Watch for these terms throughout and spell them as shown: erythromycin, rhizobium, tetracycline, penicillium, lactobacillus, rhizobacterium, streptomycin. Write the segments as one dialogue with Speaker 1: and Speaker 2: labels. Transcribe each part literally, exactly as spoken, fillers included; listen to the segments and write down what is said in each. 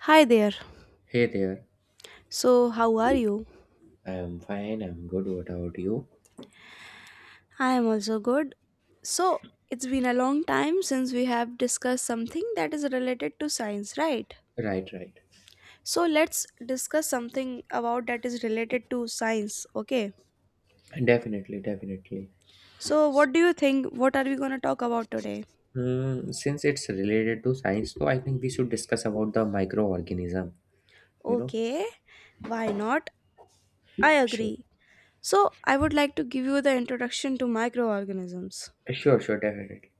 Speaker 1: Hi there.
Speaker 2: Hey there.
Speaker 1: So, how are you?
Speaker 2: I am fine. I'm good. What about you?
Speaker 1: I am also good. So, it's been a long time since we have discussed something that is related to science, right?
Speaker 2: Right, right.
Speaker 1: So, let's discuss something about that is related to science, okay?
Speaker 2: Definitely, definitely.
Speaker 1: So, what do you think? What are we going to talk about today?
Speaker 2: Hmm. since it's related to science, so I think we should discuss about the microorganism. You know?
Speaker 1: Okay, why not? I
Speaker 2: Sure.
Speaker 1: agree. So, I would like to give you the introduction to microorganisms.
Speaker 2: Sure, sure, definitely.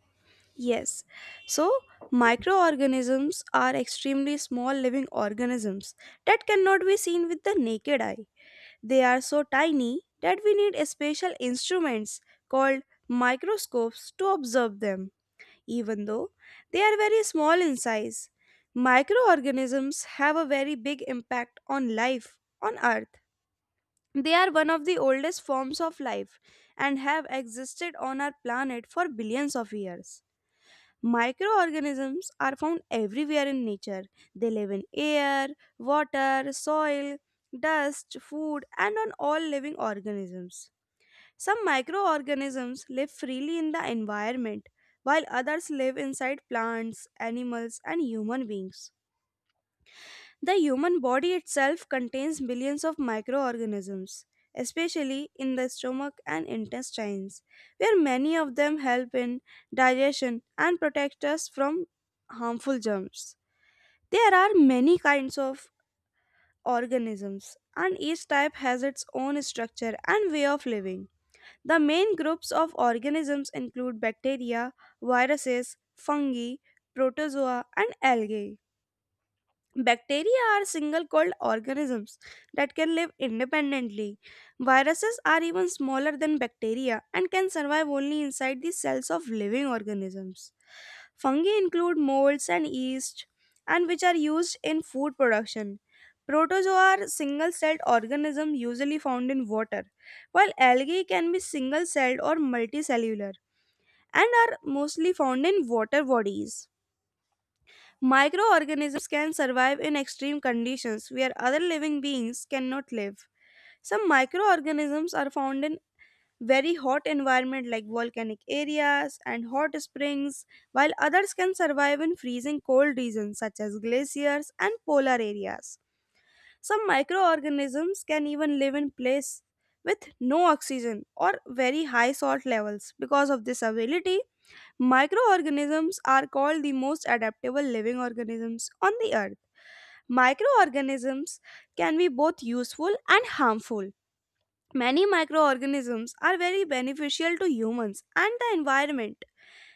Speaker 1: Yes. So, microorganisms are extremely small living organisms that cannot be seen with the naked eye. They are so tiny that we need a special instruments called microscopes to observe them, even though they are very small in size. Microorganisms have a very big impact on life on Earth. They are one of the oldest forms of life and have existed on our planet for billions of years. Microorganisms are found everywhere in nature. They live in air, water, soil, dust, food, and on all living organisms. Some microorganisms live freely in the environment, while others live inside plants, animals, and human beings. The human body itself contains billions of microorganisms, especially in the stomach and intestines, where many of them help in digestion and protect us from harmful germs. There are many kinds of organisms, and each type has its own structure and way of living. The main groups of organisms include bacteria, viruses, fungi, protozoa, and algae. Bacteria are single celled organisms that can live independently. Viruses are even smaller than bacteria and can survive only inside the cells of living organisms. Fungi include molds and yeast, and which are used in food production. Protozoa are single celled organisms usually found in water, while algae can be single celled or multicellular and are mostly found in water bodies. Microorganisms can survive in extreme conditions where other living beings cannot live. Some microorganisms are found in very hot environment like volcanic areas and hot springs, while others can survive in freezing cold regions such as glaciers and polar areas. Some microorganisms can even live in place with no oxygen or very high salt levels. Because of this ability, microorganisms are called the most adaptable living organisms on the earth. Microorganisms can be both useful and harmful. Many microorganisms are very beneficial to humans and the environment.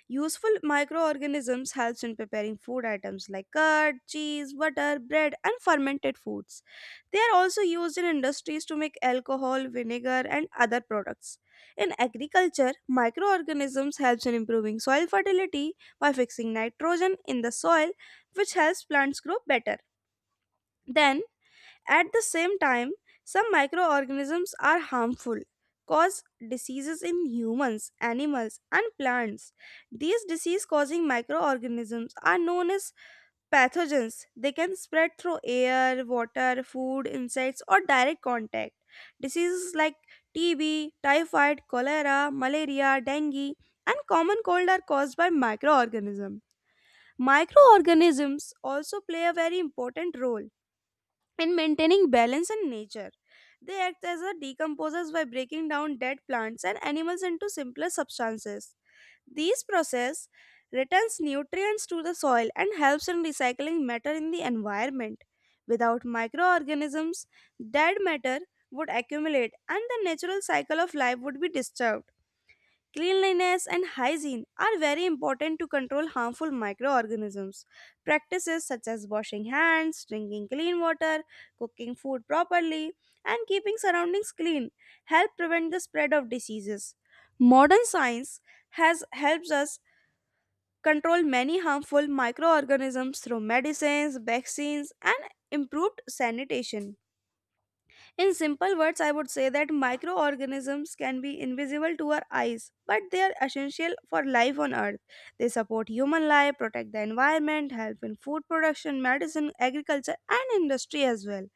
Speaker 1: Useful microorganisms helps in preparing food items like curd, cheese, butter, bread and fermented foods. They are also used in industries to make alcohol, vinegar and other products. In agriculture, microorganisms helps in improving soil fertility by fixing nitrogen in the soil which helps plants grow better. Then at the same time, some microorganisms are harmful, cause diseases in humans, animals, and plants. These disease causing microorganisms are known as pathogens. They can spread through air, water, food, insects, or direct contact. Diseases like T B, typhoid, cholera, malaria, dengue, and common cold are caused by microorganisms. Microorganisms also play a very important role in maintaining balance in nature. They act as a decomposers by breaking down dead plants and animals into simpler substances. These process returns nutrients to the soil and helps in recycling matter in the environment. Without microorganisms, dead matter would accumulate and the natural cycle of life would be disturbed. Cleanliness and hygiene are very important to control harmful microorganisms. Practices such as washing hands, drinking clean water, cooking food properly, and keeping surroundings clean help prevent the spread of diseases. Modern science has helped us control many harmful microorganisms through medicines, vaccines, and improved sanitation. In simple words, I would say that microorganisms can be invisible to our eyes, but they are essential for life on Earth. They support human life, protect the environment, help in food production, medicine, agriculture, and industry as well.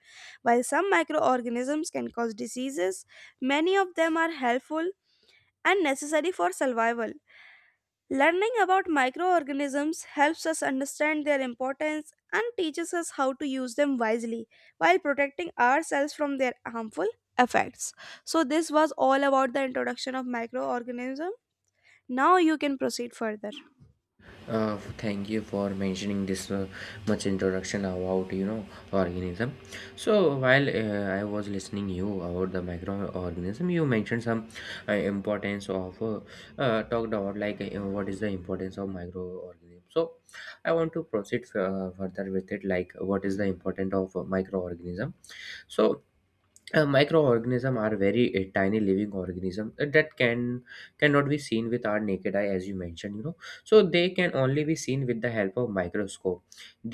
Speaker 1: While some microorganisms can cause diseases, many of them are helpful and necessary for survival. Learning about microorganisms helps us understand their importance and teaches us how to use them wisely while protecting ourselves from their harmful effects. So, this was all about the introduction of microorganism. Now, you can proceed further.
Speaker 2: uh, Thank you for mentioning this uh, much introduction about you know organism. So while uh, I was listening you about the microorganism, you mentioned some uh, importance of uh, uh, talked about, like uh, what is the importance of microorganism. So I want to proceed uh, further with it, like what is the importance of uh, microorganism. So uh, microorganism are very uh, tiny living organisms uh, that can cannot be seen with our naked eye, as you mentioned you know So they can only be seen with the help of microscope.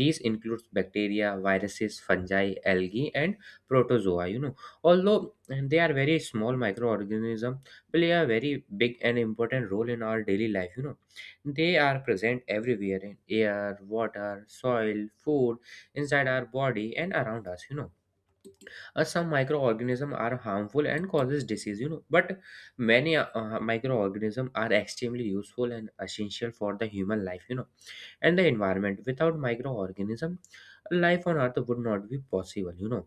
Speaker 2: These includes bacteria, viruses, fungi, algae, and protozoa you know Although uh, they are very small, microorganisms play a very big and important role in our daily life you know They are present everywhere in air, water, soil, food, inside our body, and around us you know uh, Some microorganisms are harmful and causes disease, you know but many uh, microorganisms are extremely useful and essential for the human life you know and the environment. Without microorganism, life on earth would not be possible you know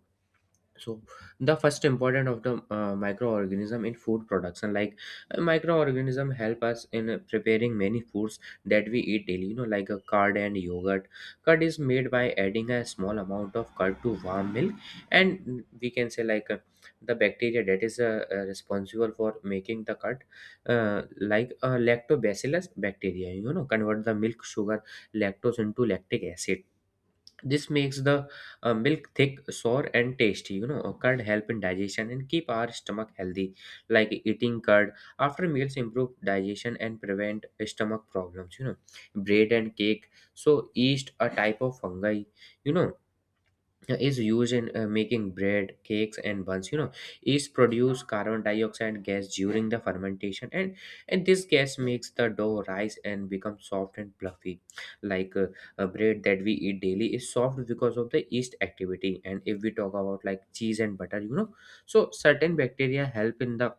Speaker 2: So the first important of the uh, microorganism in food production, like uh, microorganism help us in uh, preparing many foods that we eat daily you know like a curd and yogurt. Curd is made by adding a small amount of curd to warm milk, and we can say like uh, the bacteria that is uh, uh, responsible for making the curd, uh, like uh, lactobacillus bacteria you know convert the milk sugar lactose into lactic acid. This makes the uh, milk thick, sour, and tasty. You know, curd help in digestion and keep our stomach healthy, like eating curd after meals improve digestion and prevent stomach problems. You know, bread and cake, so yeast, a type of fungi. You know uh, is used in uh, making bread, cakes, and buns you know Yeast produce carbon dioxide gas during the fermentation, and and this gas makes the dough rise and become soft and fluffy, like uh, a bread that we eat daily is soft because of the yeast activity. And if we talk about like cheese and butter you know so certain bacteria help in the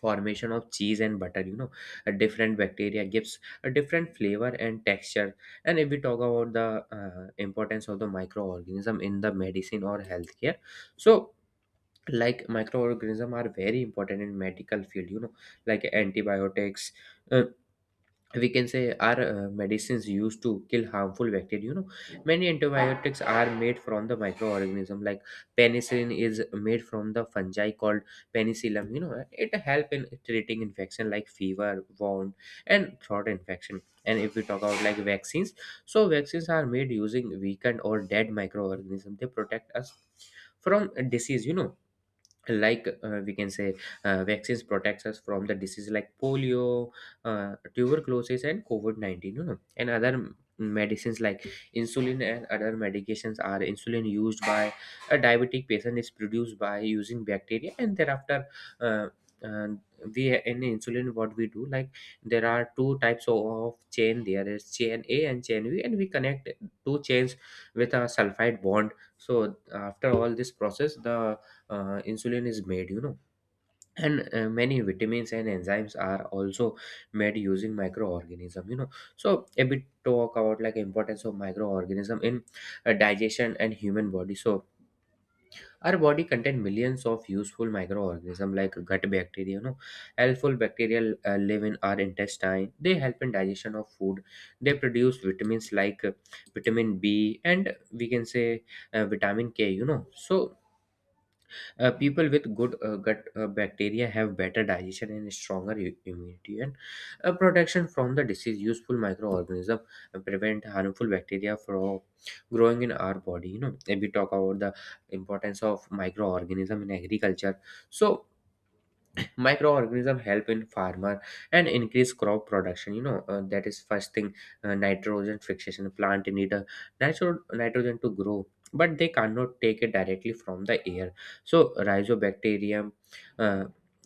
Speaker 2: formation of cheese and butter you know A different bacteria gives a different flavor and texture. And if we talk about the uh, importance of the microorganism in the medicine or healthcare, so like microorganism are very important in medical field you know like antibiotics, uh, we can say, are uh, medicines used to kill harmful bacteria you know Many antibiotics are made from the microorganism, like penicillin is made from the fungi called penicillium you know It help in treating infection like fever, wound, and throat infection. And if we talk about like vaccines, so vaccines are made using weakened or dead microorganism. They protect us from disease you know like uh, we can say uh, vaccines protects us from the disease like polio, uh, tuberculosis, and covid nineteen, you know and other m- medicines like insulin. And other medications are insulin used by a diabetic patient is produced by using bacteria. And thereafter uh, uh, we in insulin, what we do, like, there are two types of of chain. There is chain A and chain B, and we connect two chains with a sulfide bond. So after all this process, the uh, insulin is made you know And uh, many vitamins and enzymes are also made using microorganism you know So a bit talk about like importance of microorganism in uh, digestion and human body. So our body contain millions of useful microorganism like gut bacteria you know Helpful bacteria uh, live in our intestine. They help in digestion of food. They produce vitamins like uh, vitamin B, and we can say uh, vitamin k you know So uh, people with good uh, gut uh, bacteria have better digestion and stronger i- immunity, and uh, protection from the disease. Useful microorganisms prevent harmful bacteria from growing in our body. You know, if we talk about the importance of microorganism in agriculture, so microorganism help in farmer and increase crop production. You know uh, that is first thing. Uh, nitrogen fixation: plant need a natural nitrogen to grow, but they cannot take it directly from the air. So rhizobacterium, uh,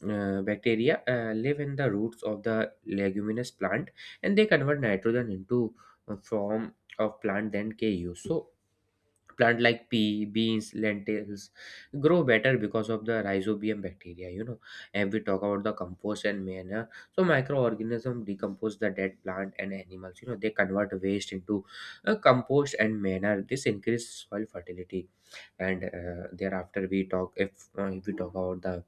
Speaker 2: uh, bacteria, uh, live in the roots of the leguminous plant, and they convert nitrogen into a form of plant then ke use. So plant like pea, beans, lentils grow better because of the rhizobium bacteria you know And we talk about the compost and manure. So microorganisms decompose the dead plant and animals. You know they convert waste into uh, compost and manure. This increases soil fertility. And uh, thereafter we talk if, uh, if we talk about the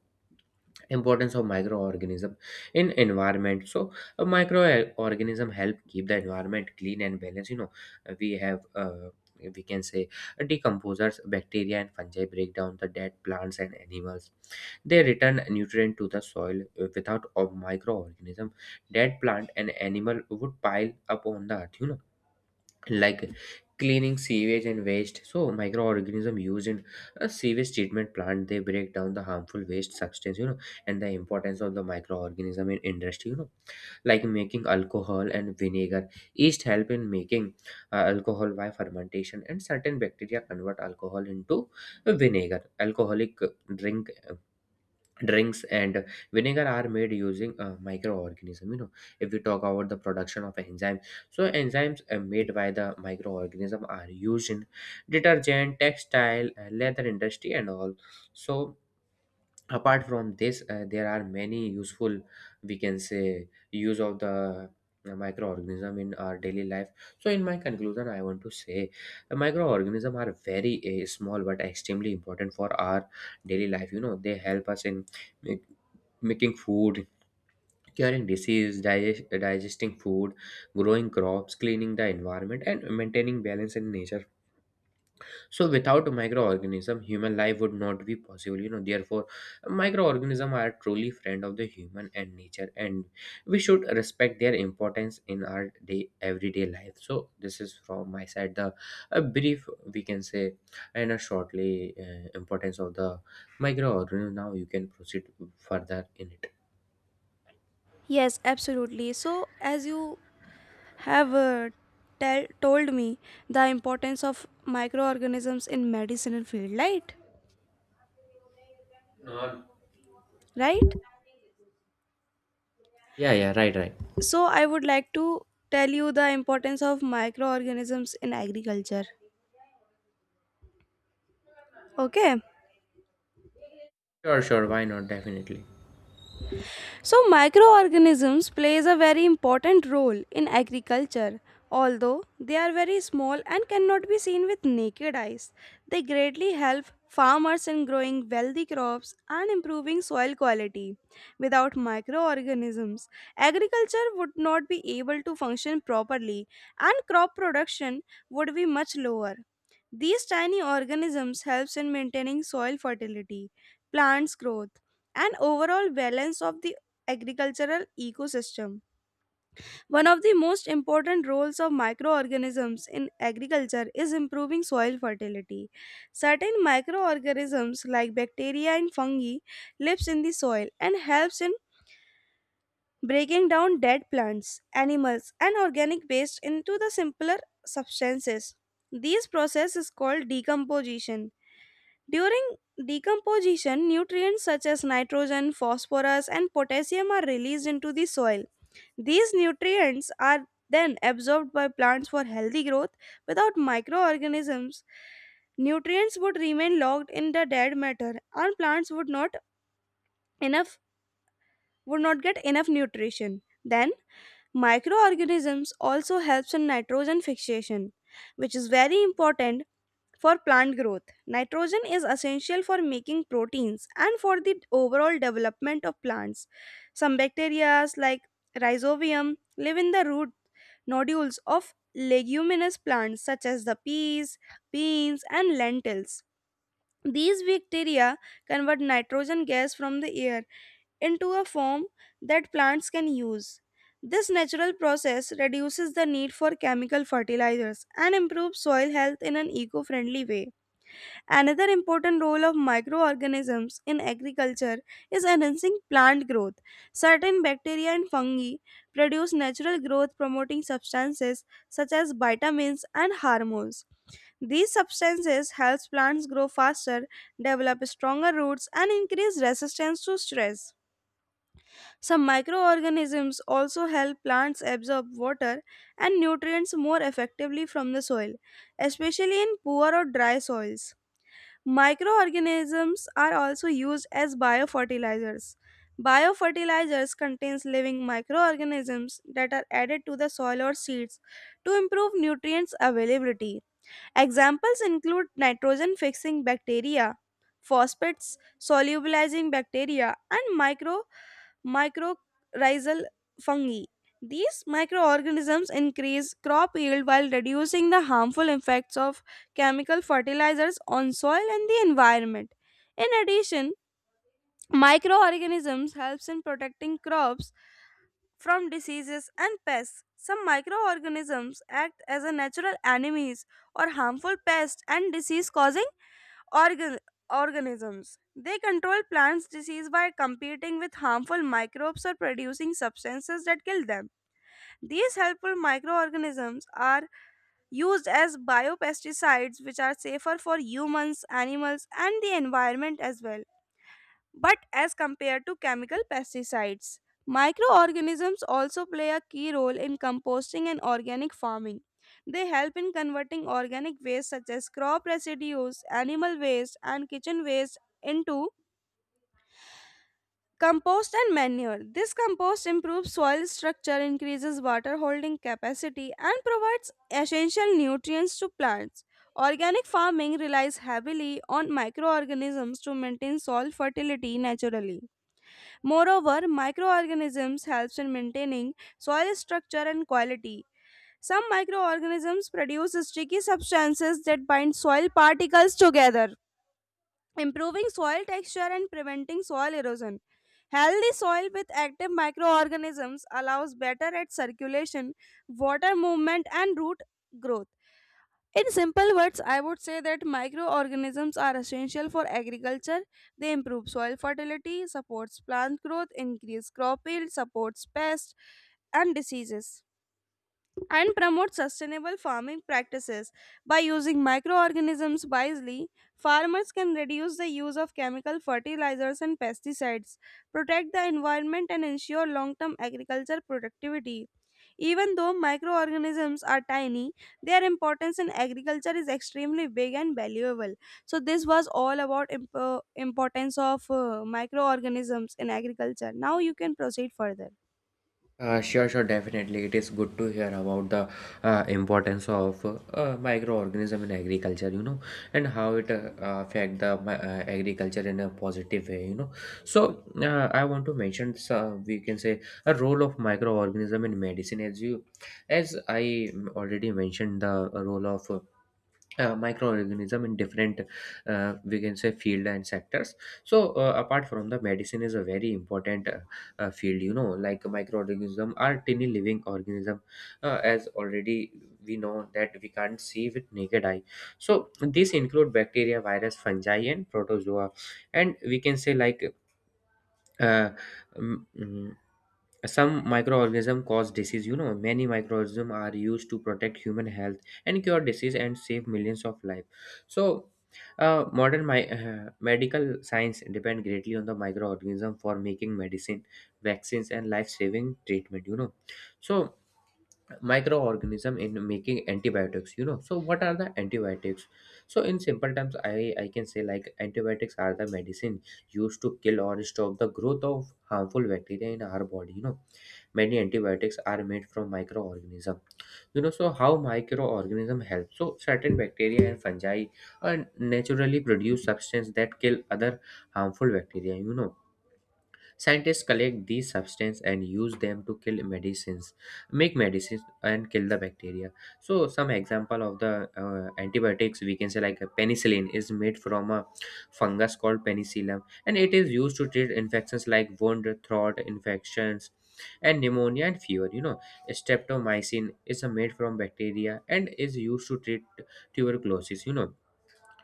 Speaker 2: importance of microorganism in environment, so a microorganism help keep the environment clean and balanced you know Uh, we have, uh, we can say, uh, decomposers bacteria and fungi break down the dead plants and animals. They return nutrient to the soil. Uh, without a microorganism, dead plant and animal would pile up on the earth you know like cleaning sewage and waste. So microorganism used in a sewage treatment plant. They break down the harmful waste substance you know And the importance of the microorganism in industry you know like making alcohol and vinegar. Yeast help in making uh, alcohol by fermentation, and certain bacteria convert alcohol into vinegar. Alcoholic drink drinks and vinegar are made using a microorganism you know If we talk about the production of enzyme, so enzymes uh, made by the microorganism are used in detergent, textile, uh, leather industry, and all. So apart from this, uh, there are many useful, we can say, use of the uh, microorganism in our daily life. So in my conclusion, I want to say the microorganism are very uh, small but extremely important for our daily life you know They help us in uh, making food, curing disease, digest, digesting food, growing crops, cleaning the environment, and maintaining balance in nature. So without microorganism, human life would not be possible. You know, therefore, microorganism are truly friend of the human and nature, and we should respect their importance in our day everyday life. So this is from my side the a brief, we can say, and a shortly uh, importance of the microorganism. Now you can proceed further in it.
Speaker 1: Yes, absolutely. So, as you have uh, tell, told me the importance of microorganisms in medicinal field, right?
Speaker 2: No.
Speaker 1: Right,
Speaker 2: Yeah, yeah, right, right.
Speaker 1: so I would like to tell you the importance of microorganisms in agriculture, okay?
Speaker 2: Sure, sure, why not? Definitely.
Speaker 1: So microorganisms plays a very important role in agriculture. Although they are very small and cannot be seen with naked eyes, they greatly help farmers in growing wealthy crops and improving soil quality. Without microorganisms, agriculture would not be able to function properly and crop production would be much lower. These tiny organisms helps in maintaining soil fertility, plants growth, and overall balance of the agricultural ecosystem. One of the most important roles of microorganisms in agriculture is improving soil fertility. Certain microorganisms like bacteria and fungi lives in the soil and helps in breaking down dead plants, animals and organic waste into the simpler substances. These process is called decomposition. During decomposition, nutrients such as nitrogen, phosphorus and potassium are released into the soil, these nutrients are then absorbed by plants for healthy growth. Without microorganisms, nutrients would remain locked in the dead matter and plants would not enough would not get enough nutrition. Then microorganisms also helps in nitrogen fixation, which is very important for plant growth. Nitrogen is essential for making proteins and for the overall development of plants. Some bacteria like rhizobium live in the root nodules of leguminous plants such as the peas, beans, and lentils. These bacteria convert nitrogen gas from the air into a form that plants can use. This natural process reduces the need for chemical fertilizers and improves soil health in an eco friendly way. Another important role of microorganisms in agriculture is enhancing plant growth. Certain bacteria and fungi produce natural growth promoting substances such as vitamins and hormones. These substances help plants grow faster, develop stronger roots, and increase resistance to stress. Some microorganisms also help plants absorb water and nutrients more effectively from the soil, especially in poor or dry soils. Microorganisms are also used as biofertilizers. Biofertilizers contains living microorganisms that are added to the soil or seeds to improve nutrients availability. Examples include nitrogen fixing bacteria, phosphates solubilizing bacteria, and micro mycorrhizal fungi. These microorganisms increase crop yield while reducing the harmful effects of chemical fertilizers on soil and the environment. In addition, microorganisms helps in protecting crops from diseases and pests. Some microorganisms act as a natural enemies or harmful pests and disease causing organ- organisms. They control plants' disease by competing with harmful microbes or producing substances that kill them. These helpful microorganisms are used as biopesticides, which are safer for humans, animals, and the environment as well. But as compared to chemical pesticides, microorganisms also play a key role in composting and organic farming. They help in converting organic waste such as crop residues, animal waste, and kitchen waste into compost and manure. This compost improves soil structure, increases water holding capacity, and provides essential nutrients to plants. Organic farming relies heavily on microorganisms to maintain soil fertility naturally. Moreover, microorganisms helps in maintaining soil structure and quality. Some microorganisms produce sticky substances that bind soil particles together, improving soil texture and preventing soil erosion. Healthy soil with active microorganisms allows better at circulation, water movement and root growth. In simple words, I would say that microorganisms are essential for agriculture. They improve soil fertility, supports plant growth, increase crop yield, supports pests and diseases, and promote sustainable farming practices. By using microorganisms wisely, farmers can reduce the use of chemical fertilizers and pesticides, protect the environment and ensure long-term agriculture productivity. Even though microorganisms are tiny, their importance in agriculture is extremely big and valuable. So this was all about imp- uh, importance of uh, microorganisms in agriculture. Now you can proceed further.
Speaker 2: Uh, sure, sure, definitely. It is good to hear about the uh, importance of uh, uh, microorganism in agriculture, you know, and how it uh, affect the mi- uh, agriculture in a positive way, you know. So uh, I want to mention, uh, we can say, a role of microorganism in medicine, as you, as I already mentioned, the role of uh, microorganism in different, uh, we can say, field and sectors. So uh, apart from the medicine is a very important uh, uh, field you know like microorganism are tiny living organism, uh, as already we know that we can't see with naked eye. So these include bacteria, virus, fungi, and protozoa. And we can say like uh, mm, some microorganisms cause disease. You know, many microorganisms are used to protect human health and cure disease and save millions of lives. So uh, modern mi- uh, medical science depend greatly on the microorganism for making medicine, vaccines, and life-saving treatment. You know, so microorganism in making antibiotics. You know, so what are the antibiotics? So in simple terms, I I can say like antibiotics are the medicine used to kill or stop the growth of harmful bacteria in our body. You know many antibiotics are made from microorganism. You know so how microorganism help? So certain bacteria and fungi are naturally produce substance that kill other harmful bacteria. you know Scientists collect these substances and use them to kill medicines, make medicines and kill the bacteria. So some example of the uh, antibiotics, we can say, like a penicillin is made from a fungus called penicillium and it is used to treat infections like wound, throat infections, and pneumonia and fever. You know, Streptomycin is uh, made from bacteria and is used to treat tuberculosis. You know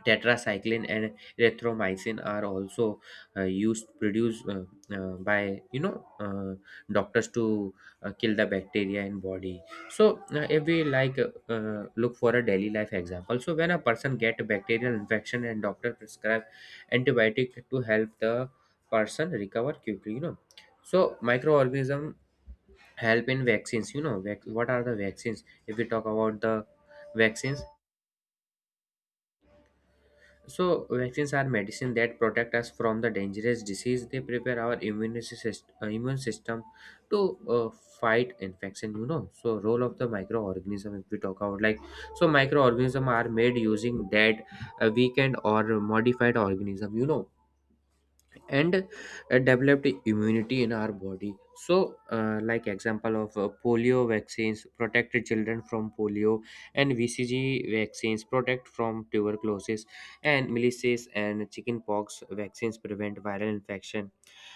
Speaker 2: Tetracycline and erythromycin are also uh, used produced uh, uh, by you know uh, doctors to uh, kill the bacteria in body. So uh, if we like uh, uh, look for a daily life example, so when a person get a bacterial infection and doctor prescribe antibiotic to help the person recover quickly. You know so microorganism help in vaccines. You know vac- what are the vaccines? If we talk about the vaccines, so vaccines are medicine that protect us from the dangerous disease. They prepare our immune system, immune system to uh, fight infection. You know, so role of the microorganism. If we talk about like, So microorganism are made using dead, uh, weakened, or modified organism. You know, and uh, developed immunity in our body. So uh, like example of uh, polio vaccines protect children from polio, and vcg vaccines protect from tuberculosis, and measles and chickenpox vaccines prevent viral infection,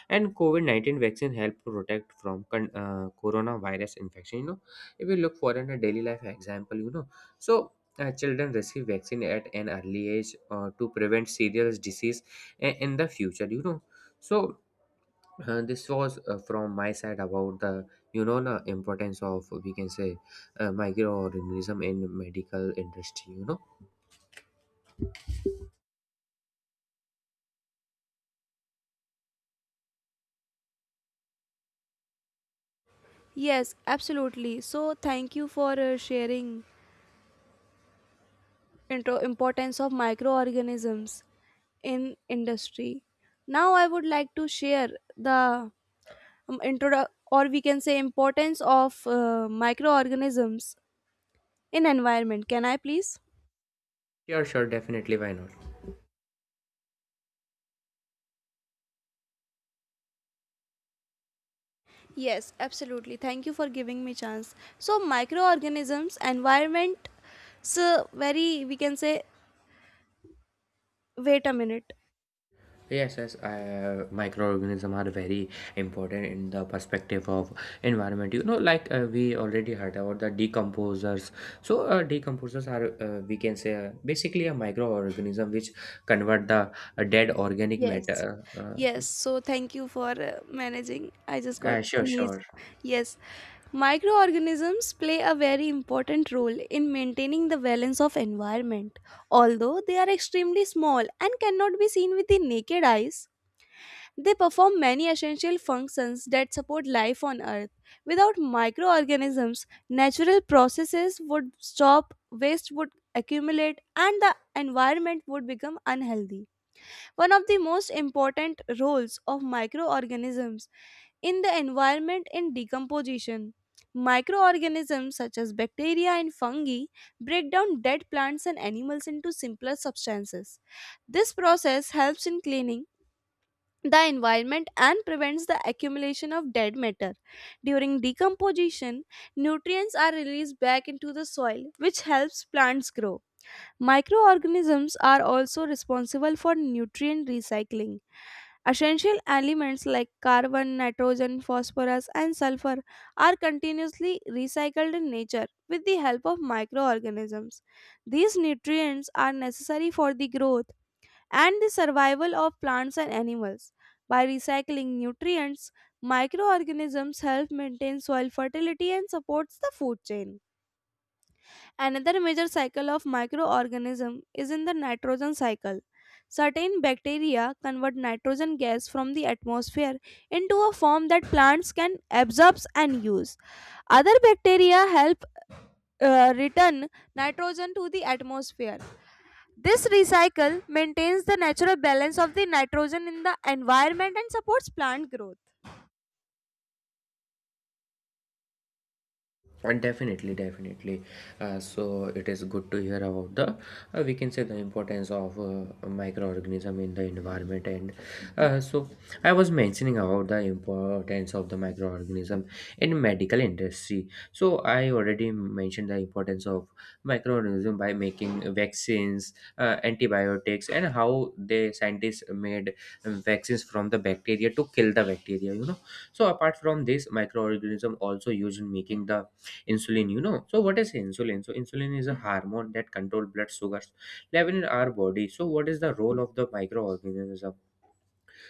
Speaker 2: and covid nineteen vaccine help protect from con- uh, coronavirus infection. You know, if you look for in a daily life example, you know, so uh, children receive vaccine at an early age uh, to prevent serious disease i- in the future. You know, so uh, this was uh, from my side about the, you know, the importance of, we can say, uh, microorganism in medical industry, you know.
Speaker 1: Yes, absolutely. So thank you for uh, sharing intro importance of microorganisms in industry. Now I would like to share the um, intro, or we can say importance of uh, microorganisms in environment. Can I please?
Speaker 2: Sure, sure, definitely, why not.
Speaker 1: Yes, absolutely. Thank you for giving me chance. So microorganisms, environment, so very we can say. Wait a minute.
Speaker 2: Yes, yes. Uh, microorganisms are very important in the perspective of environment. You know, like uh, we already heard about the decomposers. So, uh, decomposers are, uh, we can say uh, basically a microorganism which convert the uh, dead organic
Speaker 1: Yes,
Speaker 2: matter. Uh,
Speaker 1: yes. So thank you for uh, managing. I just got
Speaker 2: uh, sure,
Speaker 1: sneeze.
Speaker 2: sure.
Speaker 1: Yes, microorganisms play a very important role in maintaining the balance of environment. Although they are extremely small and cannot be seen with the naked eyes, they perform many essential functions that support life on Earth. Without microorganisms, natural processes would stop, waste would accumulate, and the environment would become unhealthy. One of the most important roles of microorganisms in the environment in decomposition. Microorganisms such as bacteria and fungi break down dead plants and animals into simpler substances. This process helps in cleaning the environment and prevents the accumulation of dead matter. During decomposition, nutrients are released back into the soil, which helps plants grow. Microorganisms are also responsible for nutrient recycling. Essential elements like carbon, nitrogen, phosphorus, and sulfur are continuously recycled in nature with the help of microorganisms. These nutrients are necessary for the growth and the survival of plants and animals. By recycling nutrients, microorganisms help maintain soil fertility and supports the food chain. Another major cycle of microorganism is in the nitrogen cycle. Certain bacteria convert nitrogen gas from the atmosphere into a form that plants can absorb and use. Other bacteria help uh, return nitrogen to the atmosphere. This recycle maintains the natural balance of the nitrogen in the environment and supports plant growth.
Speaker 2: And definitely, definitely, uh, so it is good to hear about the, uh, we can say, the importance of uh, microorganism in the environment. And uh, so I was mentioning about the importance of the microorganism in medical industry. So I already mentioned the importance of microorganism by making vaccines, uh, antibiotics, and how the scientists made vaccines from the bacteria to kill the bacteria, you know. So apart from this, microorganism also used in making the insulin, you know. So what is insulin? So insulin is a hormone that control blood sugars level in our body. So what is the role of the microorganism?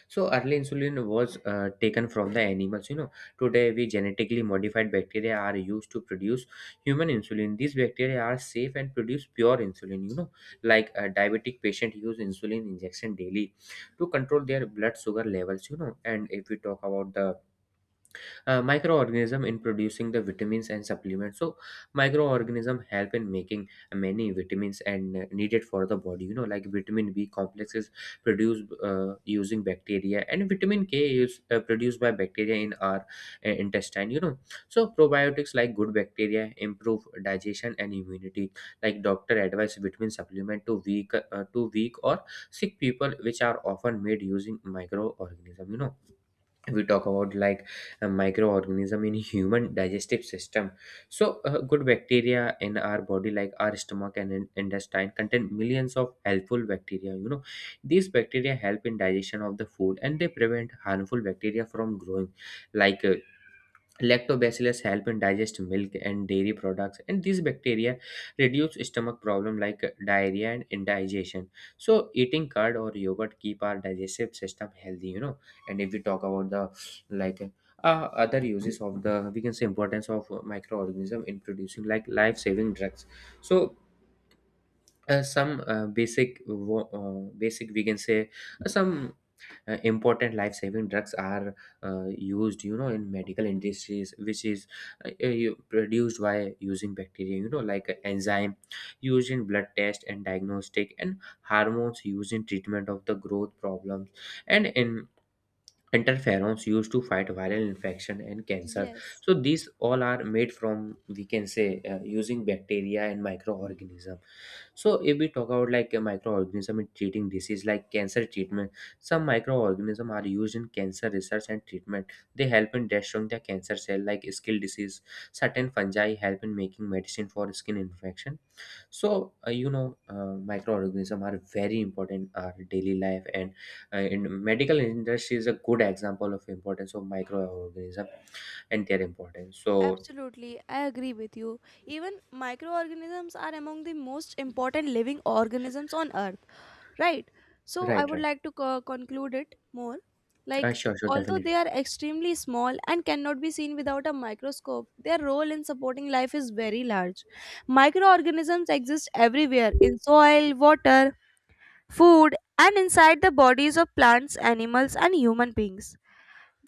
Speaker 2: So early insulin was uh, taken from the animals, you know. Today we genetically modified bacteria are used to produce human insulin. These bacteria are safe and produce pure insulin, you know. Like a diabetic patient use insulin injection daily to control their blood sugar levels, you know. And if we talk about the uh, microorganism in producing the vitamins and supplements, so microorganism help in making many vitamins and uh, needed for the body, you know. Like vitamin b complex is produced uh, using bacteria, and vitamin k is uh, produced by bacteria in our uh, intestine, you know. So probiotics like good bacteria improve digestion and immunity. Like doctor advise vitamin supplement to weak uh, to weak or sick people, which are often made using microorganism, you know. We talk about like a microorganism in human digestive system. So uh, good bacteria in our body like our stomach and in- intestine contain millions of helpful bacteria, you know. These bacteria help in digestion of the food and they prevent harmful bacteria from growing. Like uh, lactobacillus help in digest milk and dairy products, and these bacteria reduce stomach problem like diarrhea and indigestion. So eating curd or yogurt keep our digestive system healthy, you know. And if we talk about the, like, uh, other uses of the, we can say, importance of microorganism in producing like life saving drugs. So uh, some uh, basic wo- uh, basic, we can say, uh, some uh, important life saving drugs are uh, used, you know, in medical industries, which is uh, uh, you- produced by using bacteria, you know. Like enzyme used in blood test and diagnostic, and hormones used in treatment of the growth problems, and in interferons used to fight viral infection and cancer.
Speaker 1: Yes,
Speaker 2: So these all are made from, we can say, uh, using bacteria and microorganism. So if we talk about like a microorganism in treating disease like cancer treatment, some microorganism are used in cancer research and treatment. They help in destroying the cancer cell. Like skin disease, certain fungi help in making medicine for skin infection. So uh, you know uh, microorganism are very important in our daily life, and and medical industry is a good example of importance of microorganism and their importance. So
Speaker 1: absolutely. I agree with you. Even microorganisms are among the most important living organisms on earth, right? So I
Speaker 2: right,
Speaker 1: would
Speaker 2: right.
Speaker 1: like to co- conclude it more.
Speaker 2: Uh,
Speaker 1: Like,
Speaker 2: sure, sure,
Speaker 1: although they
Speaker 2: definitely.
Speaker 1: are extremely small and cannot be seen without a microscope, their role in supporting life is very large. Microorganisms exist everywhere in soil, water, food, and inside the bodies of plants, animals, and human beings.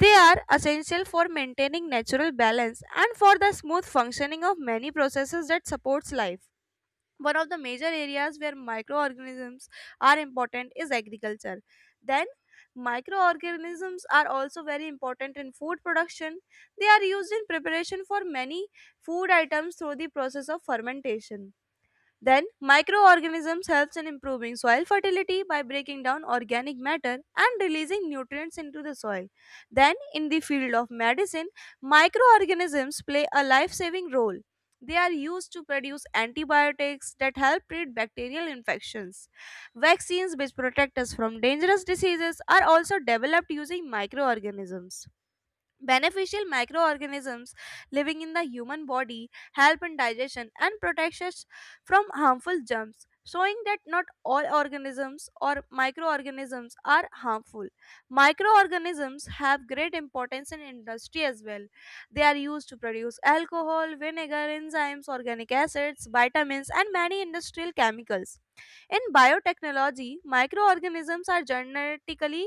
Speaker 1: They are essential for maintaining natural balance and for the smooth functioning of many processes that supports life. One of the major areas where microorganisms are important is agriculture. Then microorganisms are also very important in food production. They are used in preparation for many food items through the process of fermentation. Then, microorganisms helps in improving soil fertility by breaking down organic matter and releasing nutrients into the soil. Then, in the field of medicine, microorganisms play a life-saving role. They are used to produce antibiotics that help treat bacterial infections. Vaccines which protect us from dangerous diseases are also developed using microorganisms. Beneficial microorganisms living in the human body help in digestion and protect us from harmful germs, showing that not all organisms or microorganisms are harmful. Microorganisms have great importance in industry as well. They are used to produce alcohol, vinegar, enzymes, organic acids, vitamins, and many industrial chemicals. In biotechnology, microorganisms are genetically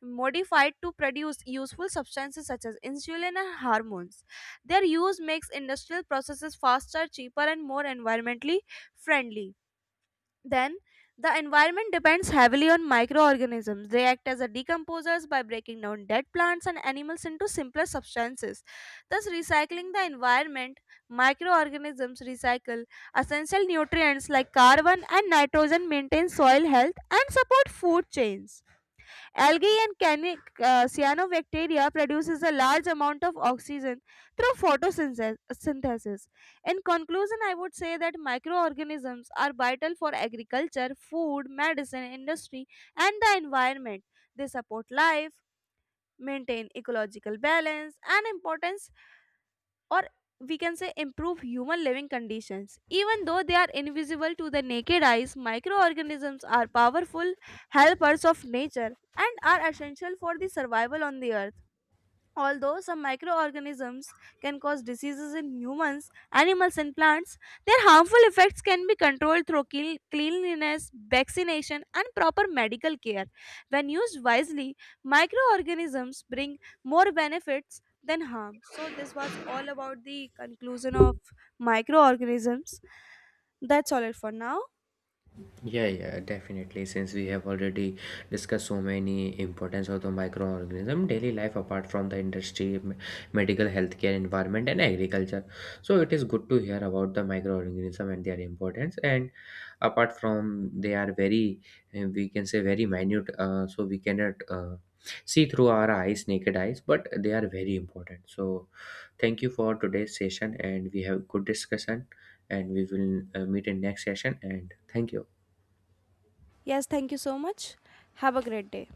Speaker 1: modified to produce useful substances such as insulin and hormones. Their use makes industrial processes faster, cheaper, and more environmentally friendly. Then, the environment depends heavily on microorganisms. They act as a decomposers by breaking down dead plants and animals into simpler substances. Thus, recycling the environment, microorganisms recycle essential nutrients like carbon and nitrogen, maintain soil health, and support food chains. Algae and cani- uh, cyanobacteria produces a large amount of oxygen through photosynthesis. In conclusion, I would say that microorganisms are vital for agriculture, food, medicine, industry, and the environment. They support life, maintain ecological balance, and importance or we can say improve human living conditions. Even though they are invisible to the naked eyes, microorganisms are powerful helpers of nature and are essential for the survival on the earth. Although some microorganisms can cause diseases in humans, animals, and plants, their harmful effects can be controlled through clean- cleanliness, vaccination, and proper medical care. When used wisely, microorganisms bring more benefits than harm. So, this was all about the conclusion of microorganisms. That's all it for now.
Speaker 2: Yeah, yeah, definitely. Since we have already discussed so many importance of the microorganism, daily life apart from the industry, m- medical, healthcare, environment, and agriculture. So it is good to hear about the microorganism and their importance. And apart from they are very, uh, we can say very minute. Uh, so we cannot uh, see through our eyes, naked eyes, but they are very important. So thank you for today's session, and we have good discussion. And we will uh, meet in next session. And thank you.
Speaker 1: Yes, thank you so much. Have a great day.